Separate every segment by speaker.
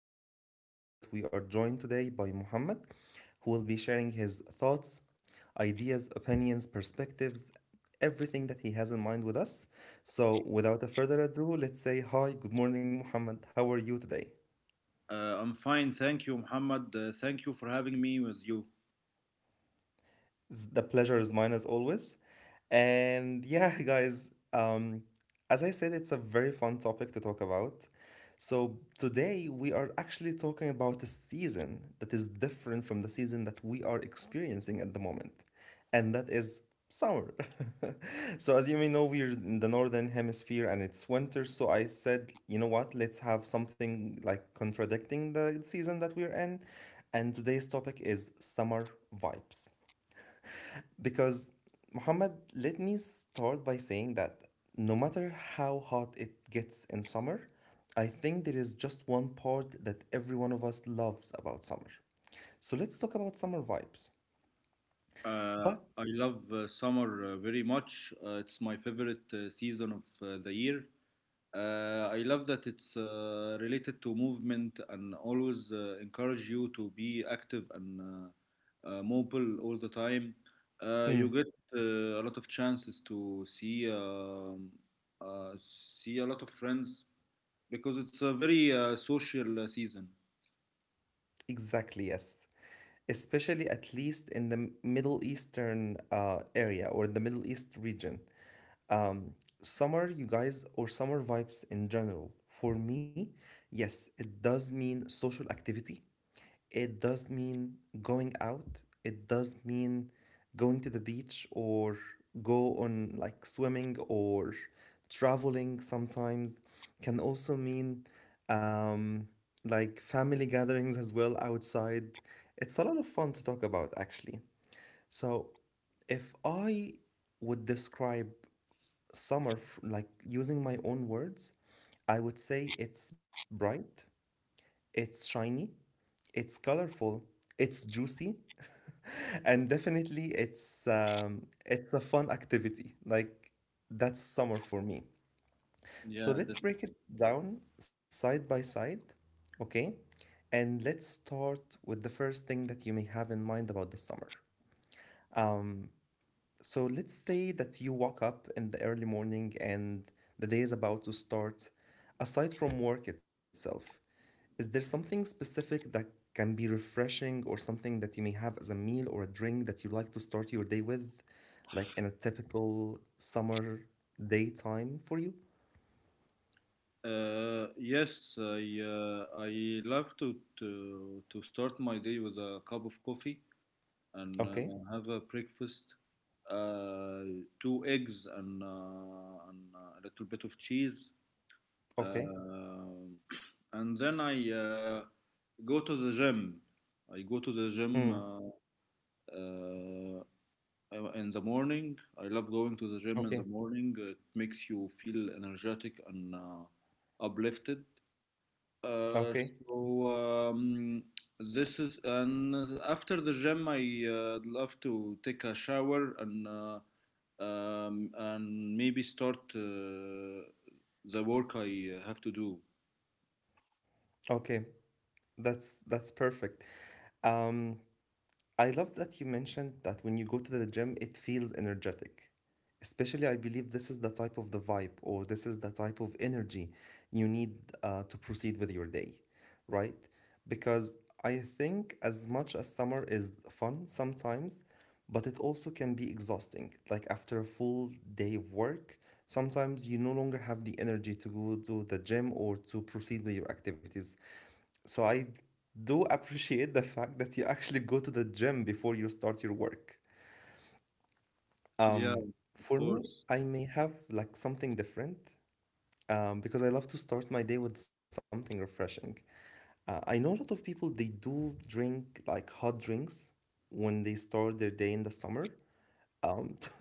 Speaker 1: let's first say that we are joined today by Muhammad, who will be sharing his thoughts, ideas, opinions, perspectives, everything that he has in mind with us. So, without a further ado, let's say hi, good morning, Muhammad. How are you today?
Speaker 2: I'm fine, thank you, Muhammad. Thank you for having me with you.
Speaker 1: The pleasure is mine as always. And yeah, guys, as I said, it's a very fun topic to talk about. So today we are actually talking about a season that is different from the season that we are experiencing at the moment, and that is summer. So as you may know, we're in the northern hemisphere and it's winter. So I said, you know what? Let's have something like contradicting the season that we're in. And today's topic is summer vibes. Because Muhammad, let me start by saying that no matter how hot it gets in summer, I think there is just one part that every one of us loves about summer. So let's talk about summer vibes.
Speaker 2: Uh,
Speaker 1: But
Speaker 2: I love summer very much. It's my favorite season of the year. I love that it's related to movement and always encourage you to be active and mobile all the time. You
Speaker 1: mm,
Speaker 2: get a lot of chances to see a lot of friends because it's a very social season.
Speaker 1: exactly, yes. Especially at least in the Middle Eastern area or the Middle East region. Um, summer, you guys, or summer vibes in general, for me, yes, it does mean social activity. It does mean going out. It does mean going to the beach or go on like swimming or traveling sometimes. Can also mean um, like family gatherings as well outside. It's a lot of fun to talk about actually. So if I would describe summer like using my own words, I would say it's bright, it's shiny, it's colorful, it's juicy, and definitely it's a fun activity. Like that's summer for me. So
Speaker 2: Yeah.
Speaker 1: let's break it down side by side, okay? And let's start with the first thing that you may have in mind about the summer. Um, so let's say that you wake up in the early morning and the day is about to start. Aside from work itself, is there something specific that can be refreshing or something that you may have as a meal or a drink that you like to start your day with, like in a typical summer daytime for you?
Speaker 2: Yes, I I love to start my day with a cup of coffee and
Speaker 1: Okay,
Speaker 2: have a breakfast, uh, two eggs and a little bit of cheese,
Speaker 1: okay,
Speaker 2: uh, and then I go to the gym. I go to the
Speaker 1: mm,
Speaker 2: gym uh, in the morning. I love going to the gym in the
Speaker 1: okay,
Speaker 2: morning. It makes you feel energetic and uplifted. Uh,
Speaker 1: okay,
Speaker 2: so um, this is and after the gym, I love to take a shower and maybe start the work I have to do.
Speaker 1: okay. That's perfect. Um, I love that you mentioned that when you go to the gym, it feels energetic. Especially, I believe this is the type of the vibe or this is the type of energy you need to proceed with your day, right? Because I think as much as summer is fun sometimes, but it also can be exhausting. Like after a full day of work, sometimes you no longer have the energy to go to the gym or to proceed with your activities. So I do appreciate the fact that you actually go to the gym before you start your work.
Speaker 2: Yeah,
Speaker 1: Um,
Speaker 2: of
Speaker 1: for me,
Speaker 2: course.
Speaker 1: I may have like something different because I love to start my day with something refreshing. I know a lot of people they do drink like hot drinks when they start their day in the summer. To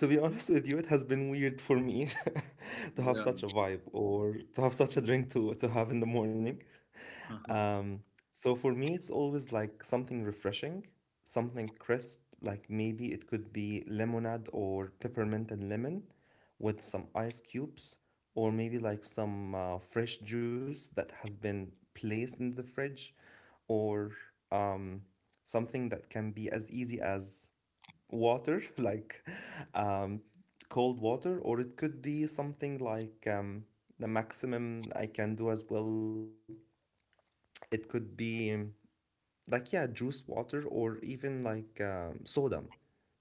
Speaker 1: to be honest with you, it has been weird for me to have
Speaker 2: Yeah.
Speaker 1: such a vibe or to have such a drink to have in the morning. Um, so for me, it's always like something refreshing, something crisp, like maybe it could be lemonade or peppermint and lemon with some ice cubes, or maybe like some fresh juice that has been placed in the fridge, or um, something that can be as easy as water, like um, cold water, or it could be something like the maximum I can do as well. It could be like yeah juice water or even like soda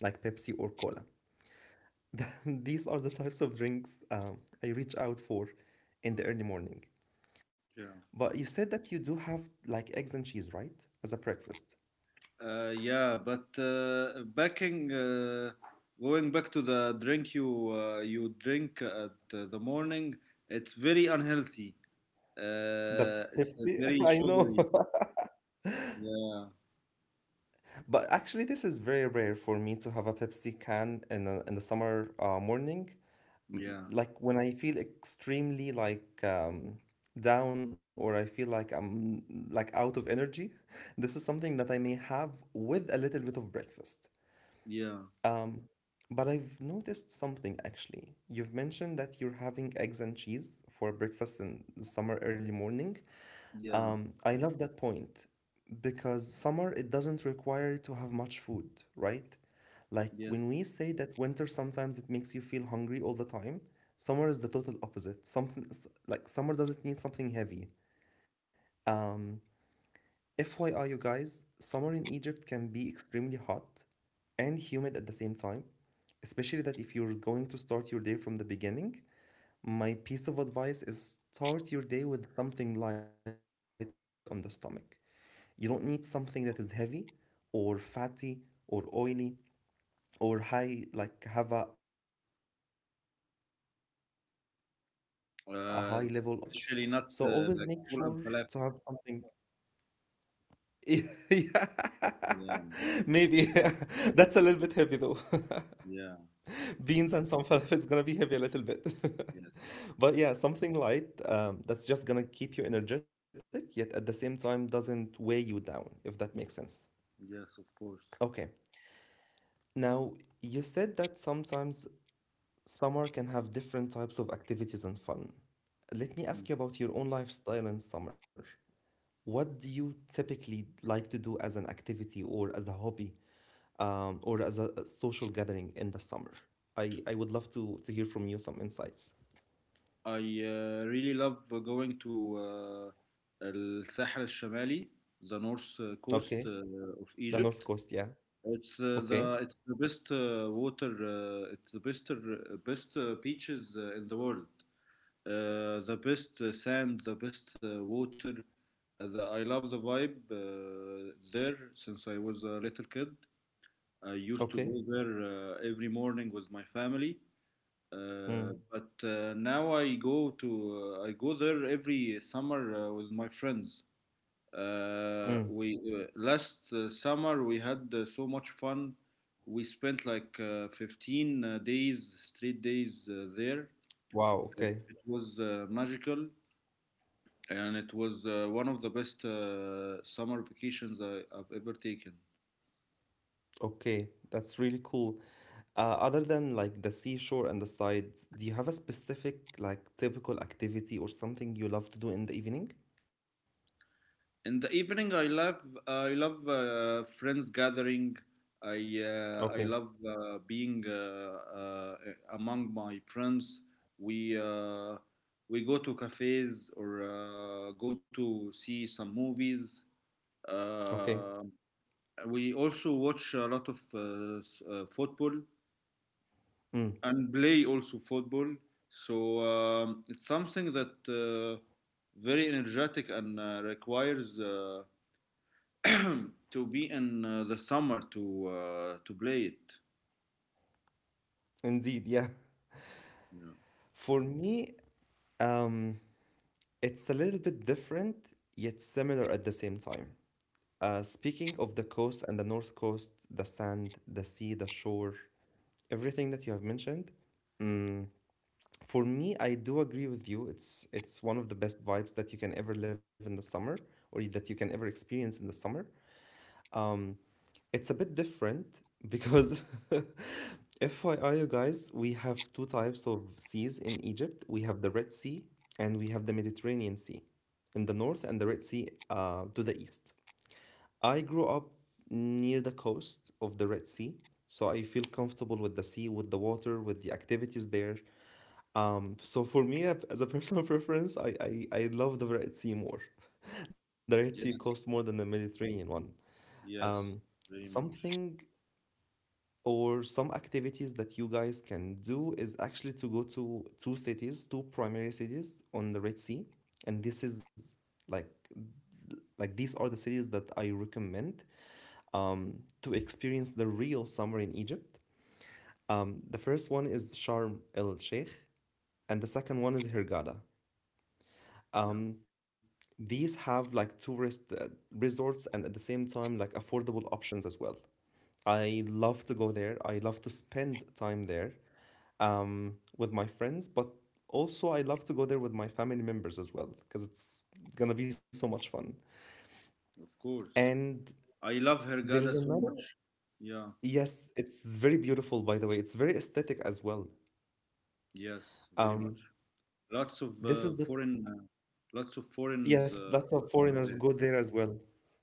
Speaker 1: like pepsi or cola. These are the types of drinks I reach out for in the early morning.
Speaker 2: Yeah.
Speaker 1: But you said that you do have like eggs and cheese, right, as a breakfast?
Speaker 2: Yeah, but going back to the drink you you drink at the morning, it's very unhealthy.
Speaker 1: The
Speaker 2: It's
Speaker 1: pepsi.
Speaker 2: very
Speaker 1: I know.
Speaker 2: sugary. Yeah,
Speaker 1: But actually this is very rare for me to have a pepsi can in the summer morning,
Speaker 2: yeah,
Speaker 1: like when I feel extremely like down or I feel like I'm like out of energy. This is something that I may have with a little bit of breakfast.
Speaker 2: yeah,
Speaker 1: Um, but I've noticed something actually. You've mentioned that you're having eggs and cheese for breakfast in the summer early morning.
Speaker 2: yeah,
Speaker 1: I love that point because summer it doesn't require you to have much food, right? Like
Speaker 2: yes.
Speaker 1: when we say that winter sometimes it makes you feel hungry all the time, summer is the total opposite. Something like summer doesn't need something heavy. Um, FYI, you guys, summer in Egypt can be extremely hot and humid at the same time, especially that if you're going to start your day from the beginning. My piece of advice is start your day with something light on the stomach. You don't need something that is heavy or fatty or oily or high, like have a high level of fats because it's gonna make you feel lazier,
Speaker 2: Uh,
Speaker 1: right?
Speaker 2: Especially
Speaker 1: So
Speaker 2: not
Speaker 1: always make
Speaker 2: like
Speaker 1: sure
Speaker 2: full and
Speaker 1: to have
Speaker 2: falafel.
Speaker 1: something. Yeah,
Speaker 2: Yeah,
Speaker 1: maybe. That's a little bit heavy though.
Speaker 2: yeah,
Speaker 1: Beans and some falafel, it's gonna be heavy a little bit.
Speaker 2: yes,
Speaker 1: But yeah, something light that's just gonna keep you energetic, yet at the same time doesn't weigh you down, if that makes sense.
Speaker 2: yes, of course.
Speaker 1: Okay. Now, you said that sometimes summer can have different types of activities and fun. Let me
Speaker 2: Mm.
Speaker 1: ask you about your own lifestyle in summer. What do you typically like to do as an activity or as a hobby, or as a social gathering in the summer? I would love to, hear from you some insights.
Speaker 2: I really love going to الساحل الشمالي, the north coast
Speaker 1: Okay,
Speaker 2: of
Speaker 1: the
Speaker 2: Egypt.
Speaker 1: North Coast, yeah.
Speaker 2: It's the
Speaker 1: Okay,
Speaker 2: it's the best water, it's the best beaches in the world. The best sand, the best water. I love the vibe there since I was a little kid. I used to
Speaker 1: okay.
Speaker 2: go there every morning with my family. Uh,
Speaker 1: Mm,
Speaker 2: but uh, now I go there every summer with my friends.
Speaker 1: mm.
Speaker 2: We last summer we had so much fun. We spent like 15 days, straight days there.
Speaker 1: Wow,
Speaker 2: It,
Speaker 1: okay,
Speaker 2: it was magical and it was one of the best summer vacations I've ever taken.
Speaker 1: okay. That's really cool. Other than like the seashore and the sides, do you have a specific like typical activity or something you love to do in the evening?
Speaker 2: In the evening, I love friends gathering. I I
Speaker 1: Okay.
Speaker 2: love being among my friends. We we go to cafes or go to see some movies.
Speaker 1: Okay.
Speaker 2: Uh, we also watch a lot of football
Speaker 1: Mm,
Speaker 2: and play also football. So it's something that very energetic and requires to be in the summer to play it.
Speaker 1: indeed, yeah.
Speaker 2: Yeah.
Speaker 1: For me, um, it's a little bit different yet similar at the same time. Speaking of the coast and the north coast, the sand, the sea, the shore, everything that you have mentioned, mm, for me, I do agree with you. It's one of the best vibes that you can ever live in the summer or that you can ever experience in the summer. It's a bit different because FYI, you guys, we have two types of seas in Egypt. We have the Red Sea and we have the Mediterranean Sea in the north and the Red Sea to the east. I grew up near the coast of the Red Sea, so I feel comfortable with the sea, with the water, with the activities there. So for me, as a personal preference, I love the Red Sea more. The Red Sea coast more
Speaker 2: Yes.
Speaker 1: than the Mediterranean one. Um,
Speaker 2: Yes. Very much.
Speaker 1: something or some activities that you guys can do is actually to go to two cities, two primary cities on the Red Sea, and this is like like these are the cities that I recommend to experience the real summer in Egypt. The first one is Sharm El Sheikh and the second one is Hurghada.
Speaker 2: Yeah.
Speaker 1: um, these have like tourist resorts and at the same time like affordable options as well. I love to go there, I love to spend time there with my friends, but also I love to go there with my family members as well because it's gonna be so much fun.
Speaker 2: Of course.
Speaker 1: And
Speaker 2: I love
Speaker 1: there is
Speaker 2: Hergada so
Speaker 1: another,
Speaker 2: much. Yeah.
Speaker 1: yes, it's very beautiful, by the way. It's very aesthetic as well.
Speaker 2: Yes. Very much.
Speaker 1: Um,
Speaker 2: Lots of
Speaker 1: this is the,
Speaker 2: foreign. Lots of foreigners
Speaker 1: yes, lots of
Speaker 2: were there.
Speaker 1: foreigners go there as well.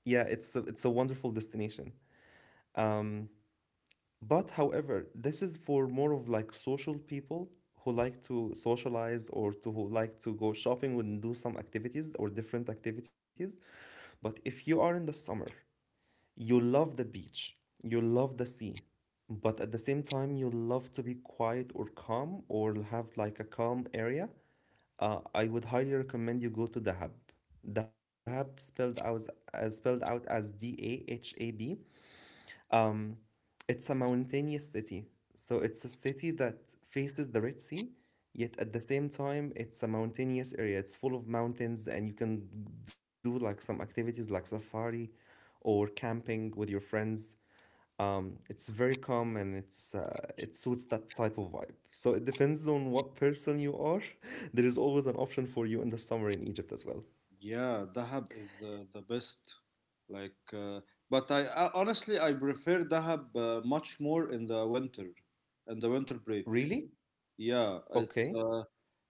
Speaker 1: Yeah, it's a wonderful destination. Um, But however, this is for more of like social people who like to socialize or to who like to go shopping and do some activities or different activities. But if you are in the summer, you love the beach, you love the sea, but at the same time you love to be quiet or calm or have like a calm area, I would highly recommend you go to Dahab. Dahab spelled out as Dahab. Um, it's a mountainous city. So it's a city that faces the Red Sea, yet at the same time, it's a mountainous area. It's full of mountains, and you can do like some activities like safari or camping with your friends. It's very calm and it suits that type of vibe. So it depends on what person you are. There is always an option for you in the summer in Egypt as well.
Speaker 2: Yeah, Dahab is the best. Like, uh, but I honestly I prefer Dahab much more in the winter break.
Speaker 1: Really?
Speaker 2: Yeah,
Speaker 1: Okay.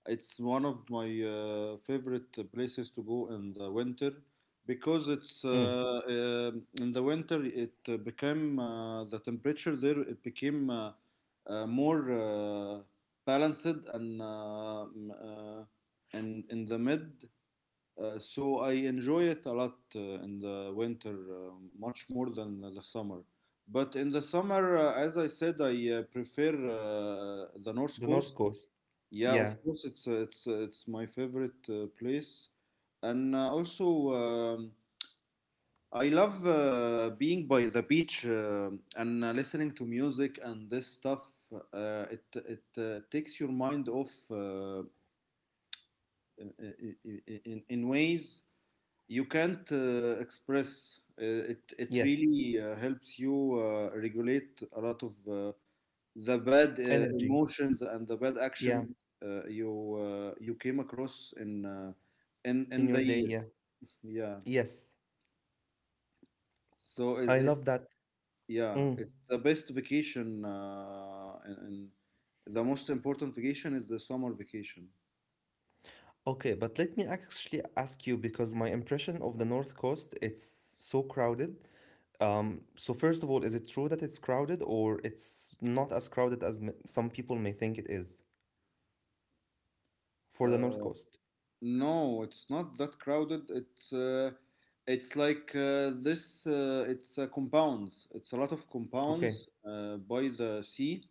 Speaker 2: it's one of my favorite places to go in the winter because it's
Speaker 1: Mm.
Speaker 2: in the winter it became the temperature there it became more balanced and and in the mid so I enjoy it a lot in the winter, much more than the summer. But in the summer, as I said, I prefer the North
Speaker 1: The North
Speaker 2: Coast.
Speaker 1: Coast.
Speaker 2: Yeah,
Speaker 1: Yeah.
Speaker 2: of course, it's it's my favorite place, and also I love being by the beach and listening to music and this stuff. It takes your mind off in, in ways you can't express it it
Speaker 1: Yes.
Speaker 2: really helps you regulate a lot of the bad
Speaker 1: Energy.
Speaker 2: emotions and the bad actions
Speaker 1: Yeah.
Speaker 2: you you came across in in
Speaker 1: In
Speaker 2: the
Speaker 1: your
Speaker 2: year.
Speaker 1: day. Yeah.
Speaker 2: Yeah,
Speaker 1: Yes,
Speaker 2: so
Speaker 1: I love
Speaker 2: it's
Speaker 1: that.
Speaker 2: yeah
Speaker 1: Mm.
Speaker 2: it's the best vacation and the most important vacation is the summer vacation.
Speaker 1: Okay, but let me actually ask you, because my impression of the North Coast, it's so crowded. So first of all, is it true that it's crowded, or it's not as crowded as m some people may think it is for the North
Speaker 2: uh,
Speaker 1: Coast?
Speaker 2: No, it's not that crowded. It's like this. It's compounds. It's a lot of
Speaker 1: Okay.
Speaker 2: compounds by the sea.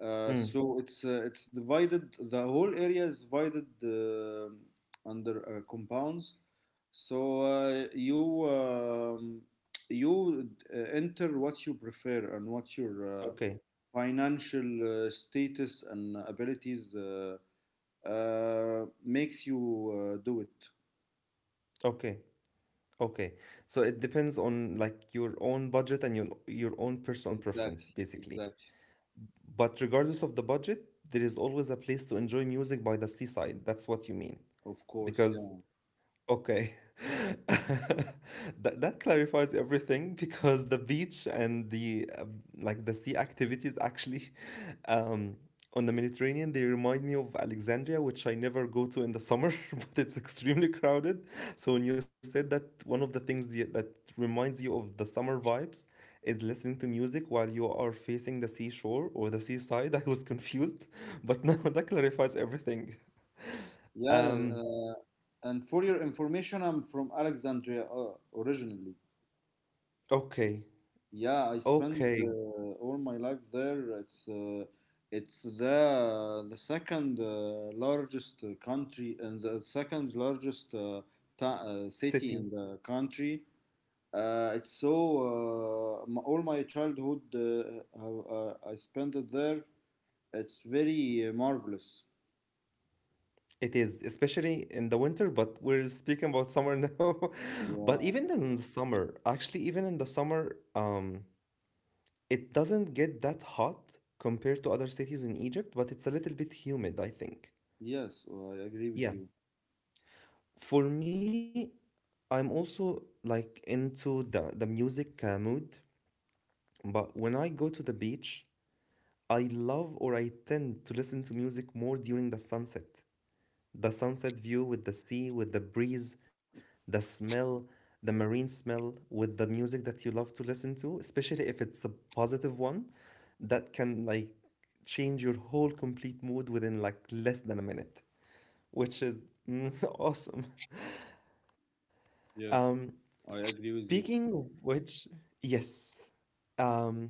Speaker 2: Uh,
Speaker 1: Mm.
Speaker 2: so it's divided. The whole area is divided under compounds. So you enter what you prefer and what your
Speaker 1: Okay.
Speaker 2: financial status and abilities makes you do it.
Speaker 1: Okay. Okay. So it depends on like your own budget and your own personal preference,
Speaker 2: Exactly,
Speaker 1: basically.
Speaker 2: exactly.
Speaker 1: But regardless of the budget, there is always a place to enjoy music by the seaside. That's what you mean.
Speaker 2: Of course,
Speaker 1: Because
Speaker 2: yeah.
Speaker 1: okay. That that clarifies everything because the beach and the like the sea activities actually um on the Mediterranean, they remind me of Alexandria, which I never go to in the summer, but it's extremely crowded. So when you said that one of the things that reminds you of the summer vibes is listening to music while you are facing the seashore or the seaside, I was confused, but now that clarifies everything.
Speaker 2: Yeah,
Speaker 1: Um
Speaker 2: uh, and for your information, I'm from Alexandria originally.
Speaker 1: okay.
Speaker 2: Yeah, I spent
Speaker 1: Okay,
Speaker 2: all my life there. It's it's the second largest country and the second largest
Speaker 1: city.
Speaker 2: city in the country. It's so m all my childhood I spent it there. It's very marvelous.
Speaker 1: It is, especially in the winter, but we're speaking about summer now. But
Speaker 2: Yeah.
Speaker 1: even in the summer, actually, even in the summer, it doesn't get that hot compared to other cities in Egypt, but it's a little bit humid, I think.
Speaker 2: Yes, well, I agree with
Speaker 1: Yeah.
Speaker 2: you.
Speaker 1: For me, I'm also like into the music mood, but when I go to the beach, I love or I tend to listen to music more during the sunset. The sunset view with the sea, with the breeze, the smell, the marine smell, with the music that you love to listen to, especially if it's a positive one, that can like change your whole complete mood within like less than a minute, which is awesome. Um,
Speaker 2: Yes, I agree with
Speaker 1: speaking
Speaker 2: you.
Speaker 1: of which, yes. Um,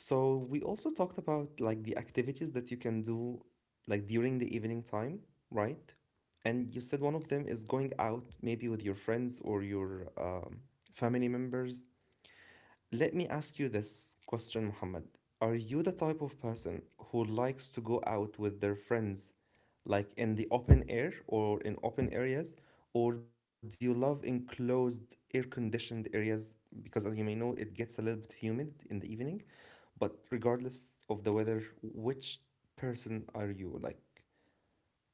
Speaker 1: So we also talked about like the activities that you can do like during the evening time, right? And you said one of them is going out maybe with your friends or your family members. Let me ask you this question, Muhammad. Are you the type of person who likes to go out with their friends, like in the open air or in open areas, or do you love enclosed, air-conditioned areas? Because as you may know, it gets a little bit humid in the evening. But regardless of the weather, which person are you? Like,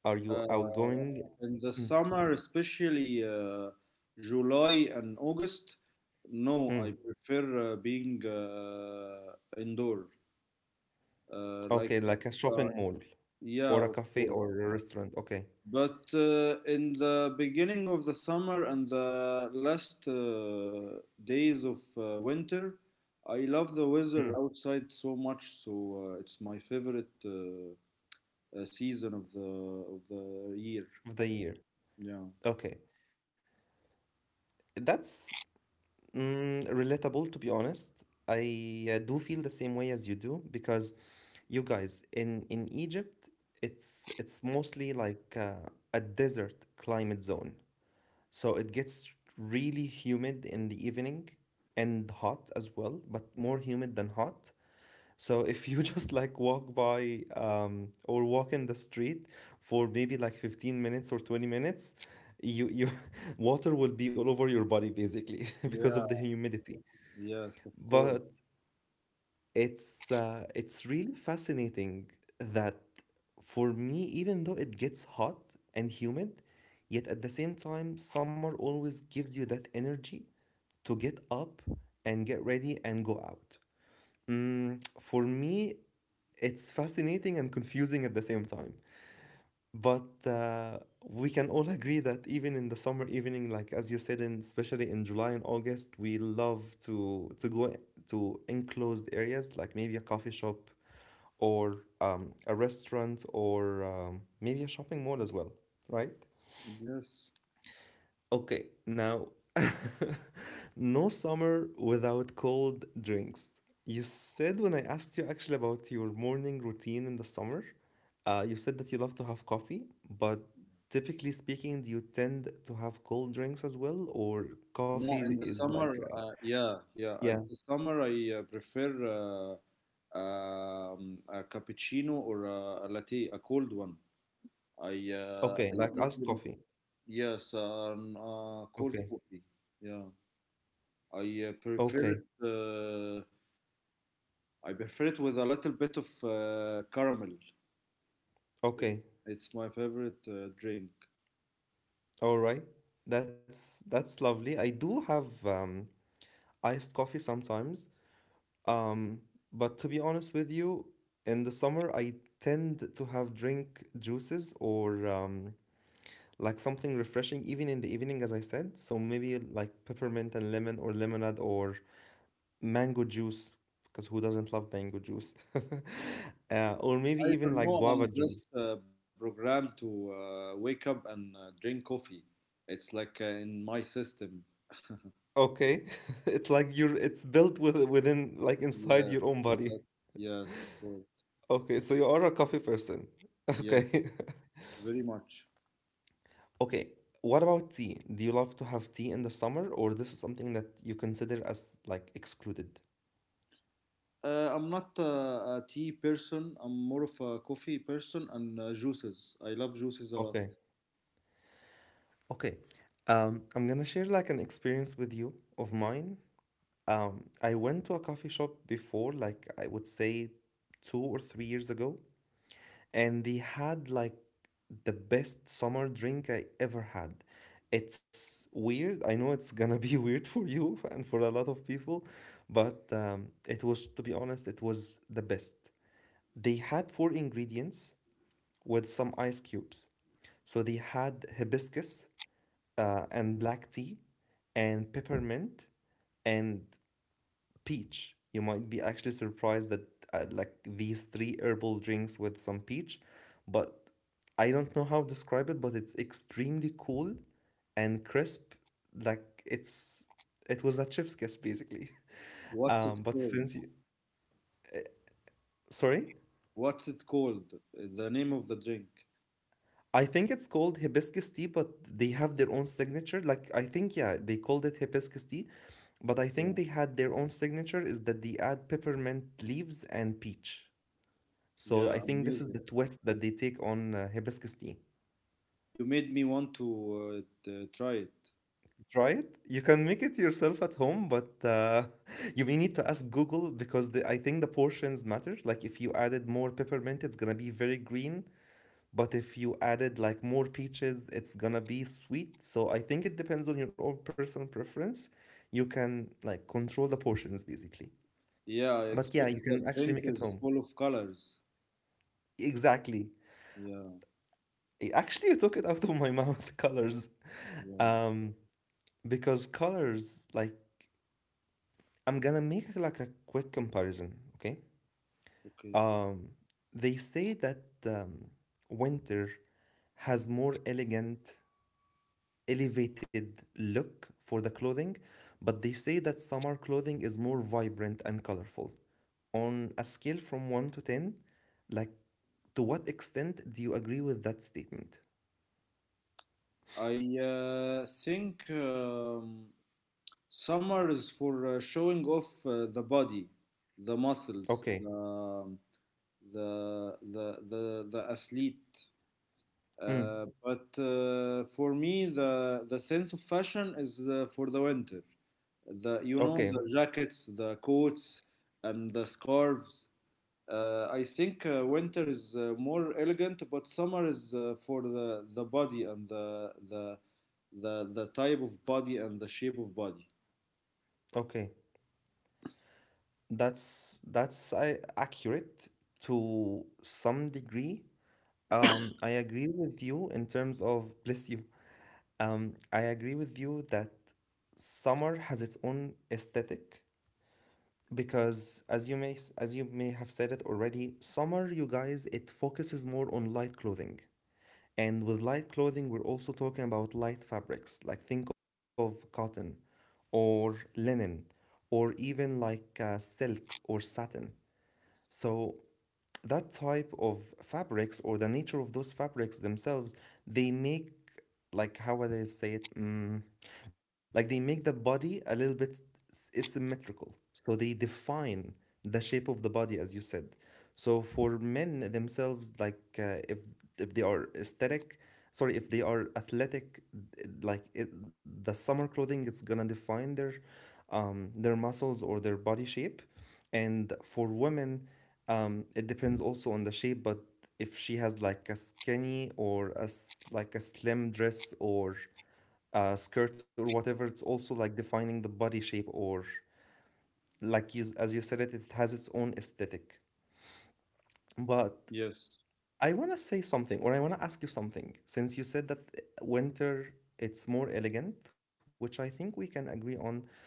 Speaker 1: are you
Speaker 2: Uh,
Speaker 1: outgoing?
Speaker 2: in the
Speaker 1: Mm,
Speaker 2: summer, especially July and August, no,
Speaker 1: mm.
Speaker 2: I prefer being indoor. Uh, like,
Speaker 1: Okay, like a
Speaker 2: uh, uh,
Speaker 1: shopping mall
Speaker 2: yeah,
Speaker 1: or
Speaker 2: of
Speaker 1: a cafe
Speaker 2: course.
Speaker 1: or a restaurant. Okay.
Speaker 2: But in the beginning of the summer and the last days of winter, I love the weather
Speaker 1: Mm,
Speaker 2: outside so much, so it's my favorite season of the year.
Speaker 1: of the year.
Speaker 2: Yeah.
Speaker 1: Okay. That's mm, relatable, to be honest. I do feel the same way as you do because you guys in Egypt, it's mostly like a desert climate zone. So it gets really humid in the evening and hot as well, but more humid than hot. So if you just like walk by or walk in the street for maybe like 15 minutes or 20 minutes, you water will be all over your body basically because
Speaker 2: Yeah.
Speaker 1: of the humidity.
Speaker 2: Yes, of course.
Speaker 1: But it's really fascinating that for me, even though it gets hot and humid, yet at the same time, summer always gives you that energy to get up and get ready and go out. Mm, for me, it's fascinating and confusing at the same time. But we can all agree that even in the summer evening, like as you said, in especially in July and August, we love to to enclosed areas, like maybe a coffee shop, or a restaurant, or maybe a shopping mall as well, right?
Speaker 2: Yes.
Speaker 1: Okay, now, no summer without cold drinks. You said when I asked you actually about your morning routine in the summer, you said that you love to have coffee, but typically speaking, do you tend to have cold drinks as well, or
Speaker 2: No,
Speaker 1: coffee
Speaker 2: in the
Speaker 1: is like,
Speaker 2: summer, yeah, yeah.
Speaker 1: yeah,
Speaker 2: In the summer, I prefer a cappuccino or a latte, a cold one. I
Speaker 1: okay, like iced
Speaker 2: even
Speaker 1: coffee.
Speaker 2: Yes,
Speaker 1: Okay,
Speaker 2: cold coffee. Yeah, I
Speaker 1: okay,
Speaker 2: prefer it. I prefer it with a little bit of caramel.
Speaker 1: okay,
Speaker 2: It's my favorite drink.
Speaker 1: all right. That's lovely. I do have iced coffee sometimes. Um, but to be honest with you, in the summer I tend to have drink juices or like something refreshing, even in the evening, as I said. So maybe like peppermint and lemon or lemonade or mango juice, because who doesn't love mango juice? Or
Speaker 2: I
Speaker 1: maybe even
Speaker 2: don't
Speaker 1: like
Speaker 2: know.
Speaker 1: guava
Speaker 2: I'm just
Speaker 1: juice.
Speaker 2: programmed to wake up and drink coffee. It's like in my system.
Speaker 1: Okay, it's like you're it's built with within like inside
Speaker 2: Yes,
Speaker 1: your own body.
Speaker 2: that, yes, of course.
Speaker 1: Okay, so you are a coffee person.
Speaker 2: Yes,
Speaker 1: Okay.
Speaker 2: very much.
Speaker 1: Okay, what about tea? Do you love to have tea in the summer, or this is something that you consider as like excluded?
Speaker 2: I'm not a tea person. I'm more of a coffee person and juices. I love juices a lot.
Speaker 1: Okay, okay. I'm gonna share like an experience with you of mine. I went to a coffee shop before, like I would say 2 or 3 years ago, and they had like the best summer drink I ever had. It's weird. I know it's gonna be weird for you and for a lot of people, but it was, to be honest, it was the best. They had four ingredients with some ice cubes. So they had hibiscus and black tea and peppermint and peach. You might be actually surprised that like these three herbal drinks with some peach, but I don't know how to describe it, but it's extremely cool and crisp. Like it's it was a chef's kiss basically.
Speaker 2: What's
Speaker 1: Um,
Speaker 2: it
Speaker 1: but
Speaker 2: called?
Speaker 1: since you, sorry.
Speaker 2: What's it called? The name of the drink.
Speaker 1: I think it's called hibiscus tea, but they have their own signature. Like I think yeah, they called it hibiscus tea, but I think
Speaker 2: Yeah,
Speaker 1: they had their own signature is that they add peppermint leaves and peach. So I
Speaker 2: yeah,
Speaker 1: think this is
Speaker 2: amazing.
Speaker 1: the twist that they take on hibiscus tea.
Speaker 2: You made me want to try it.
Speaker 1: Try it. You can make it yourself at home, but you may need to ask Google because the, I think the portions matter. Like if you added more peppermint, it's gonna be very green. But if you added like more peaches, it's gonna be sweet. So I think it depends on your own personal preference. You can like control the portions basically.
Speaker 2: Yeah, I
Speaker 1: But yeah,
Speaker 2: expect
Speaker 1: you can
Speaker 2: that
Speaker 1: actually
Speaker 2: drink
Speaker 1: make it
Speaker 2: is
Speaker 1: home.
Speaker 2: full of colors.
Speaker 1: Exactly.
Speaker 2: Yeah,
Speaker 1: I- Actually, you took it out of my mouth, colors.
Speaker 2: yeah,
Speaker 1: Um, because colors, like, I'm gonna make like a quick comparison, okay?
Speaker 2: okay.
Speaker 1: Um, they say that winter has more elegant elevated look for the clothing, but they say that summer clothing is more vibrant and colorful. On a scale from 1 to 10, like to what extent do you agree with that statement?
Speaker 2: I think summer is for showing off the body, the muscles,
Speaker 1: Okay.
Speaker 2: the athlete.
Speaker 1: Mm.
Speaker 2: But for me, the sense of fashion is for the winter. The you
Speaker 1: Okay.
Speaker 2: know the jackets, the coats, and the scarves. I think winter is more elegant, but summer is for the body and the the type of body and the shape of body.
Speaker 1: Okay. That's I accurate to some degree. I agree with you in terms of bless you. I agree with you that summer has its own aesthetic, because as you may have said it already, summer, you guys, it focuses more on light clothing, and with light clothing we're also talking about light fabrics, like think of cotton or linen or even like silk or satin. So that type of fabrics or the nature of those fabrics themselves, they make, like how would I say it? Mm, like they make the body a little bit asymmetrical. So they define the shape of the body, as you said. So for men themselves, like if if they are aesthetic, sorry, if they are athletic, like it, the summer clothing, it's gonna define their muscles or their body shape. And for women, it depends also on the shape, but if she has like a skinny or a like a slim dress or a skirt or whatever, it's also like defining the body shape or like you, as you said it, it has its own aesthetic.
Speaker 2: Yes,
Speaker 1: But I want to say something, or I want to ask you something, since you said that winter it's more elegant, which I think we can agree on.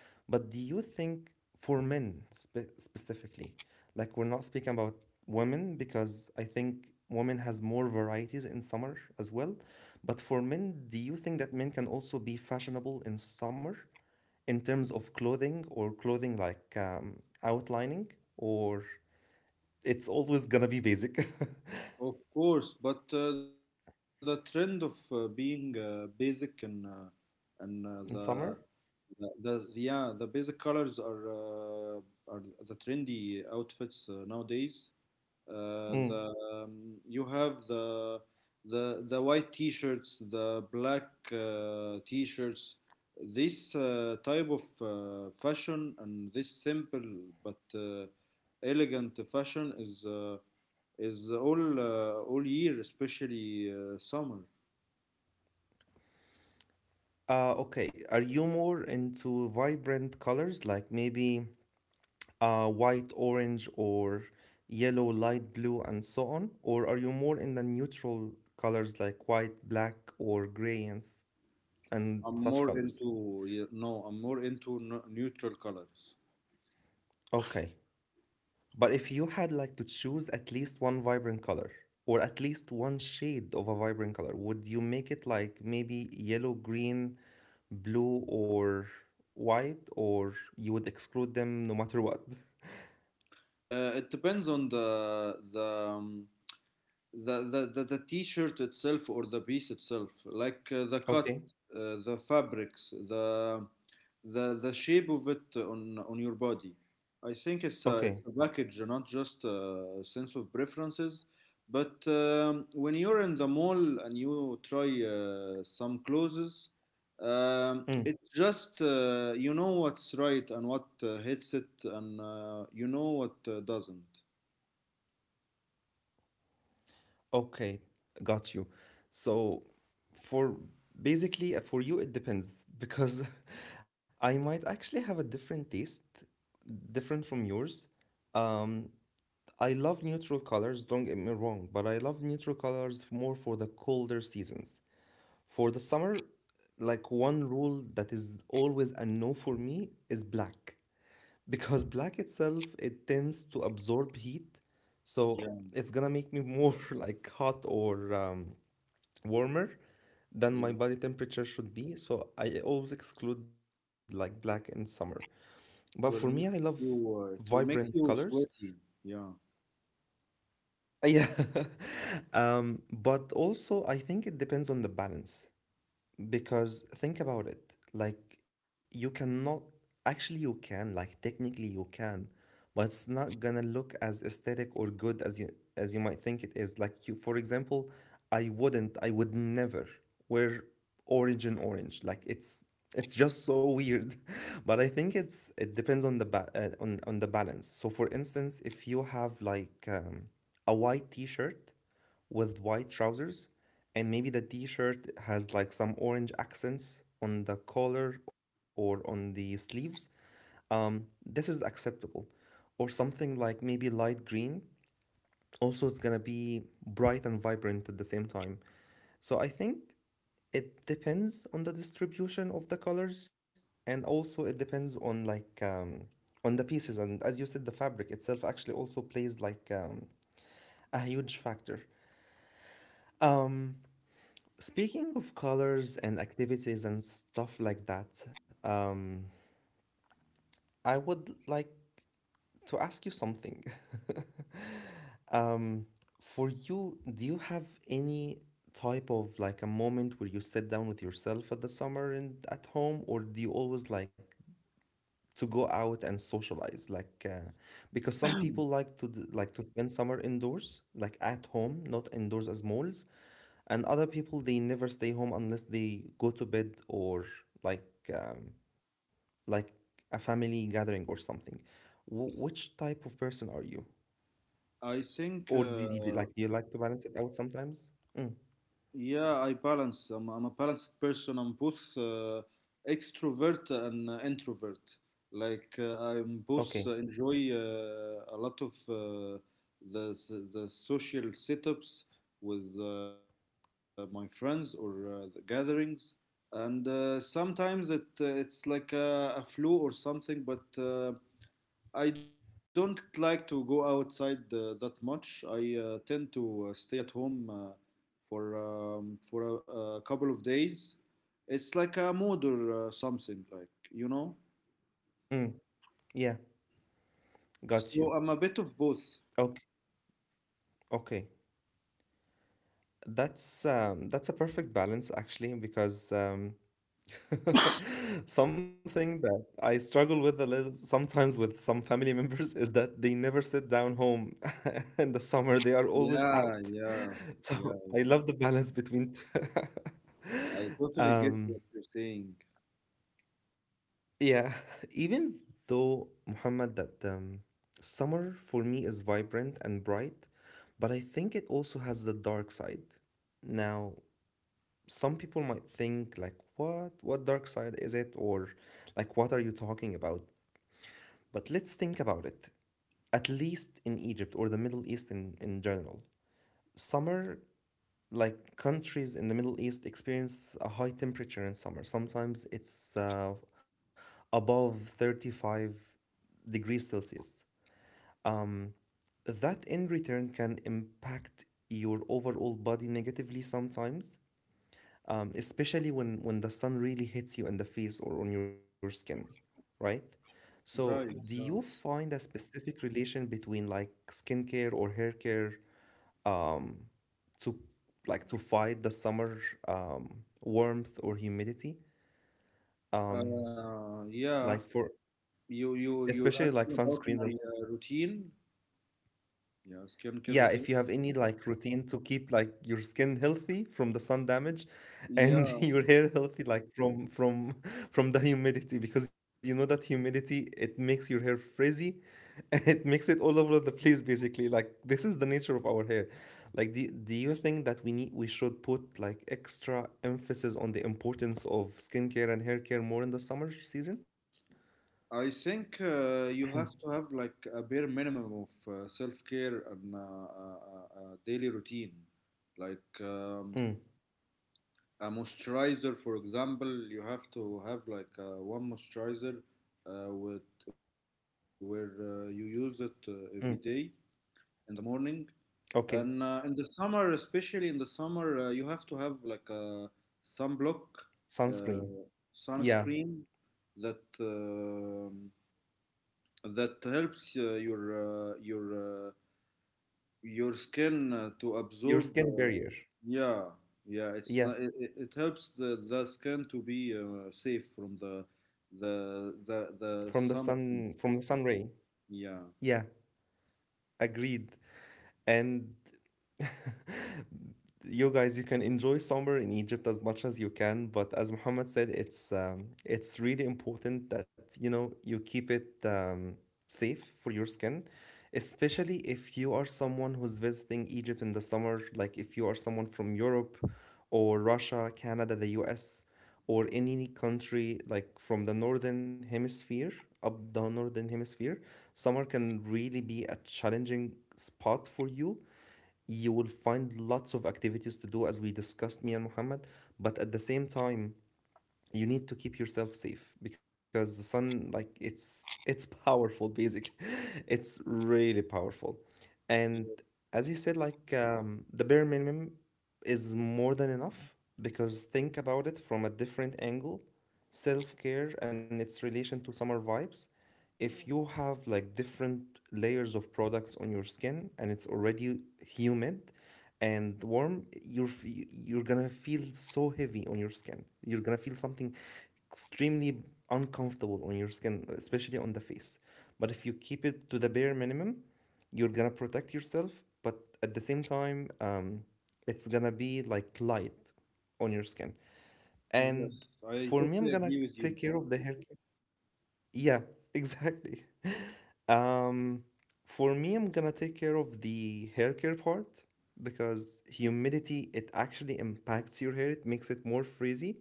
Speaker 1: But do you think for men specifically, like we're not speaking about women because I think women has more varieties in summer as well. But for men, do you think that men can also be fashionable in summer in terms of clothing or clothing like outlining, or it's always gonna be basic
Speaker 2: of course. But the trend of being basic and
Speaker 1: in summer?
Speaker 2: the yeah the basic colors uh, are the trendy outfits nowadays.
Speaker 1: Mm.
Speaker 2: The You have the the white t-shirts, the black t-shirts. This type of fashion and this simple but elegant fashion is all year, especially summer.
Speaker 1: Okay. Are you more into vibrant colors like maybe white, orange, or yellow, light blue, and so on? Or are you more in the neutral colors like white, black, or gray, and, and
Speaker 2: I'm
Speaker 1: such
Speaker 2: more
Speaker 1: colors?
Speaker 2: into yeah, no, I'm more into n neutral colors.
Speaker 1: Okay. But if you had like to choose at least one vibrant color or at least one shade of a vibrant color, would you make it like maybe yellow, green, blue, or white, or you would exclude them no matter what?
Speaker 2: It depends on the t-shirt itself or the piece itself like the cut
Speaker 1: Okay,
Speaker 2: the fabrics the the shape of it on your body. I think it's it's a
Speaker 1: okay,
Speaker 2: package, not just a sense of preferences, but when you're in the mall and you try some clothes, it's
Speaker 1: mm,
Speaker 2: just you know what's right and what hits it and you know what doesn't.
Speaker 1: okay, got you. So for basically for you it depends because I might actually have a different taste, different from yours. Um, I love neutral colors, don't get me wrong, but I love neutral colors more for the colder seasons. For the summer, like one rule that is always a no for me is black. Because black itself, it tends to absorb heat,
Speaker 2: Yeah,
Speaker 1: so it's gonna make me more like hot or warmer than my body temperature should be. So I always exclude like black in summer. But for me, I
Speaker 2: will
Speaker 1: love
Speaker 2: make you, it will
Speaker 1: vibrant
Speaker 2: make you
Speaker 1: colors.
Speaker 2: sweaty. Yeah,
Speaker 1: Yeah. But also, I think it depends on the balance. Because think about it, like you cannot actually you can, like technically you can, but it's not gonna look as aesthetic or good as you might think it is. Like you, for example, I would never wear origin orange. Like it's just so weird, but I think it depends on the on the balance. So for instance, if you have like a white t-shirt with white trousers, and maybe the t-shirt has like some orange accents on the collar or on the sleeves. Um, this is acceptable, or something like maybe light green. Also it's gonna be bright and vibrant at the same time, so I think it depends on the distribution of the colors, and also it depends on like on the pieces, and as you said, the fabric itself actually also plays like a huge factor. um, Speaking of colors and activities and stuff like that, I would like to ask you something. Um, for you, do you have any type of like a moment where you sit down with yourself at the summer and at home, or do you always like to go out and socialize? Like, because some people like like to spend summer indoors, like at home, not indoors as malls. And other people, they never stay home unless they go to bed, or like um, like a family gathering or something. Which type of person are you?
Speaker 2: I think.
Speaker 1: Or
Speaker 2: Uh,
Speaker 1: do you like to balance it out sometimes? Mm,
Speaker 2: yeah, I balance. I'm a balanced person. I'm both extrovert and introvert. Like I'm both
Speaker 1: okay.
Speaker 2: enjoy a lot of the social setups with my friends or the gatherings. And sometimes it it's like a flu or something, but. I don't like to go outside that much. I tend to stay at home for a couple of days. It's like a mood or something, like you know.
Speaker 1: Mm, yeah, got you.
Speaker 2: So I'm a bit of both.
Speaker 1: Okay, okay. That's a perfect balance actually because something that I struggle with a little sometimes with some family members is that they never sit down home in the summer. They are always
Speaker 2: Yeah,
Speaker 1: out.
Speaker 2: yeah, yeah.
Speaker 1: So I love the balance between
Speaker 2: I totally get
Speaker 1: um
Speaker 2: what you're saying.
Speaker 1: yeah, even though, Muhammad, that summer for me is vibrant and bright, but I think it also has the dark side. Now, some people might think like what dark side is it, or like what are you talking about? But let's think about it. At least in Egypt or the Middle East in general, summer, like countries in the Middle East, experience a high temperature in summer. Sometimes it's above 35 degrees Celsius. Um, that in return can impact your overall body negatively sometimes, especially when the sun really hits you in the face or on your skin, right? So, do
Speaker 2: Right.
Speaker 1: you
Speaker 2: Yeah.
Speaker 1: find a specific relation between like skincare or hair care um, to like to fight the summer um, warmth or humidity? Um,
Speaker 2: Uh,
Speaker 1: like
Speaker 2: yeah.
Speaker 1: for
Speaker 2: You're
Speaker 1: especially like
Speaker 2: asking about
Speaker 1: sunscreens
Speaker 2: my
Speaker 1: and.
Speaker 2: routine. Yeah, skincare
Speaker 1: Yeah,
Speaker 2: routine.
Speaker 1: if you have any like routine to keep like your skin healthy from the sun damage, and
Speaker 2: Yeah.
Speaker 1: your hair healthy like from from the humidity, because you know that humidity, it makes your hair frizzy. It makes it all over the place basically. Like this is the nature of our hair. Like do, do you think that we need we should put like extra emphasis on the importance of skincare and hair care more in the summer season?
Speaker 2: I think you have to have like a bare minimum of self-care and a daily routine. Like
Speaker 1: Mm,
Speaker 2: a moisturizer, for example, you have to have like one moisturizer with where you use it every day
Speaker 1: mm.
Speaker 2: in the morning. And
Speaker 1: Okay.
Speaker 2: in the summer, especially in the summer, you have to have like a sunblock,
Speaker 1: Sunscreen.
Speaker 2: uh,
Speaker 1: Yeah.
Speaker 2: sunscreen that that helps your skin to
Speaker 1: Your
Speaker 2: absorb.
Speaker 1: skin barrier.
Speaker 2: Yeah, yeah, it's not
Speaker 1: Yes.
Speaker 2: it, it it helps the skin to be safe from the
Speaker 1: From
Speaker 2: the
Speaker 1: the
Speaker 2: sun
Speaker 1: sun,
Speaker 2: beams.
Speaker 1: from the sun ray.
Speaker 2: Yeah.
Speaker 1: Yeah, agreed. And you guys, you can enjoy summer in Egypt as much as you can, but as Muhammad said, it's really important that you know you keep it safe for your skin, especially if you are someone who's visiting Egypt in the summer, like if you are someone from Europe or Russia, Canada, the US, or any country like from the northern hemisphere, up the northern hemisphere, summer can really be a challenging spot for you. You will find lots of activities to do, as we discussed, me and Muhammad, but at the same time, you need to keep yourself safe because the sun, like it's powerful basically. It's really powerful. And
Speaker 2: Ye-
Speaker 1: as he said, like the bare minimum is more than enough. Because think about it from a different angle, self-care and its relation to summer vibes. If you have like different layers of products on your skin and it's already humid and warm, you're you're gonna feel so heavy on your skin, you're gonna feel something extremely uncomfortable on your skin, especially on the face. But if you keep it to the bare minimum, you're gonna protect yourself, but at the same time, it's gonna be like light on your skin.
Speaker 2: yes,
Speaker 1: And
Speaker 2: I
Speaker 1: for me, I'm
Speaker 2: totally
Speaker 1: gonna
Speaker 2: agree with you.
Speaker 1: take care of the hair care. Yeah. Exactly. um, for me, I'm gonna take care of the hair care part, because humidity, it actually impacts your hair. It makes it more frizzy.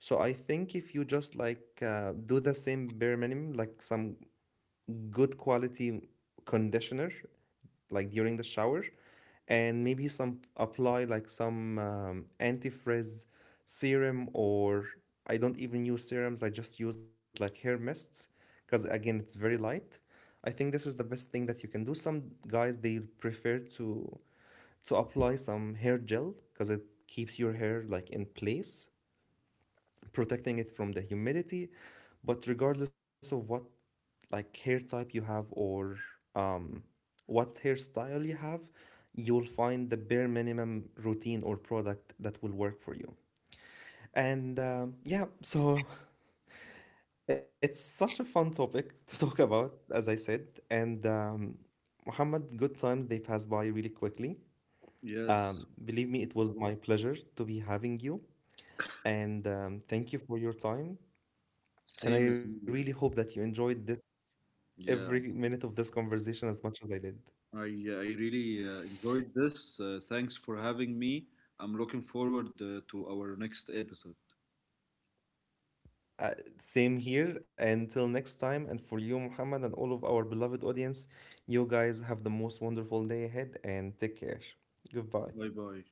Speaker 1: So I think if you just like do the same bare minimum, like some good quality conditioner like during the shower, and maybe some apply like some antifrizz serum, or I don't even use serums, I just use like hair mists, because again it's very light. I think this is the best thing that you can do. Some guys, they prefer to apply some hair gel because it keeps your hair like in place, protecting it from the humidity. But regardless of what like hair type you have, or um, what hairstyle you have, you'll find the bare minimum routine or product that will work for you. And yeah, so it's such a fun topic to talk about, as I said. And Muhammad, good times, they pass by really quickly.
Speaker 2: Yes,
Speaker 1: Believe me, it was my pleasure to be having you. And thank you for your time.
Speaker 2: same as
Speaker 1: And I
Speaker 2: here.
Speaker 1: really hope that you enjoyed this
Speaker 2: Yeah.
Speaker 1: every minute of this conversation as much as I did.
Speaker 2: I i really enjoyed this. Thanks for having me. I'm looking forward to our next episode.
Speaker 1: Uh, same here. Until next time, and for you, Muhammad, and all of our beloved audience, you guys have the most wonderful day ahead and take care. Goodbye.
Speaker 2: Bye bye.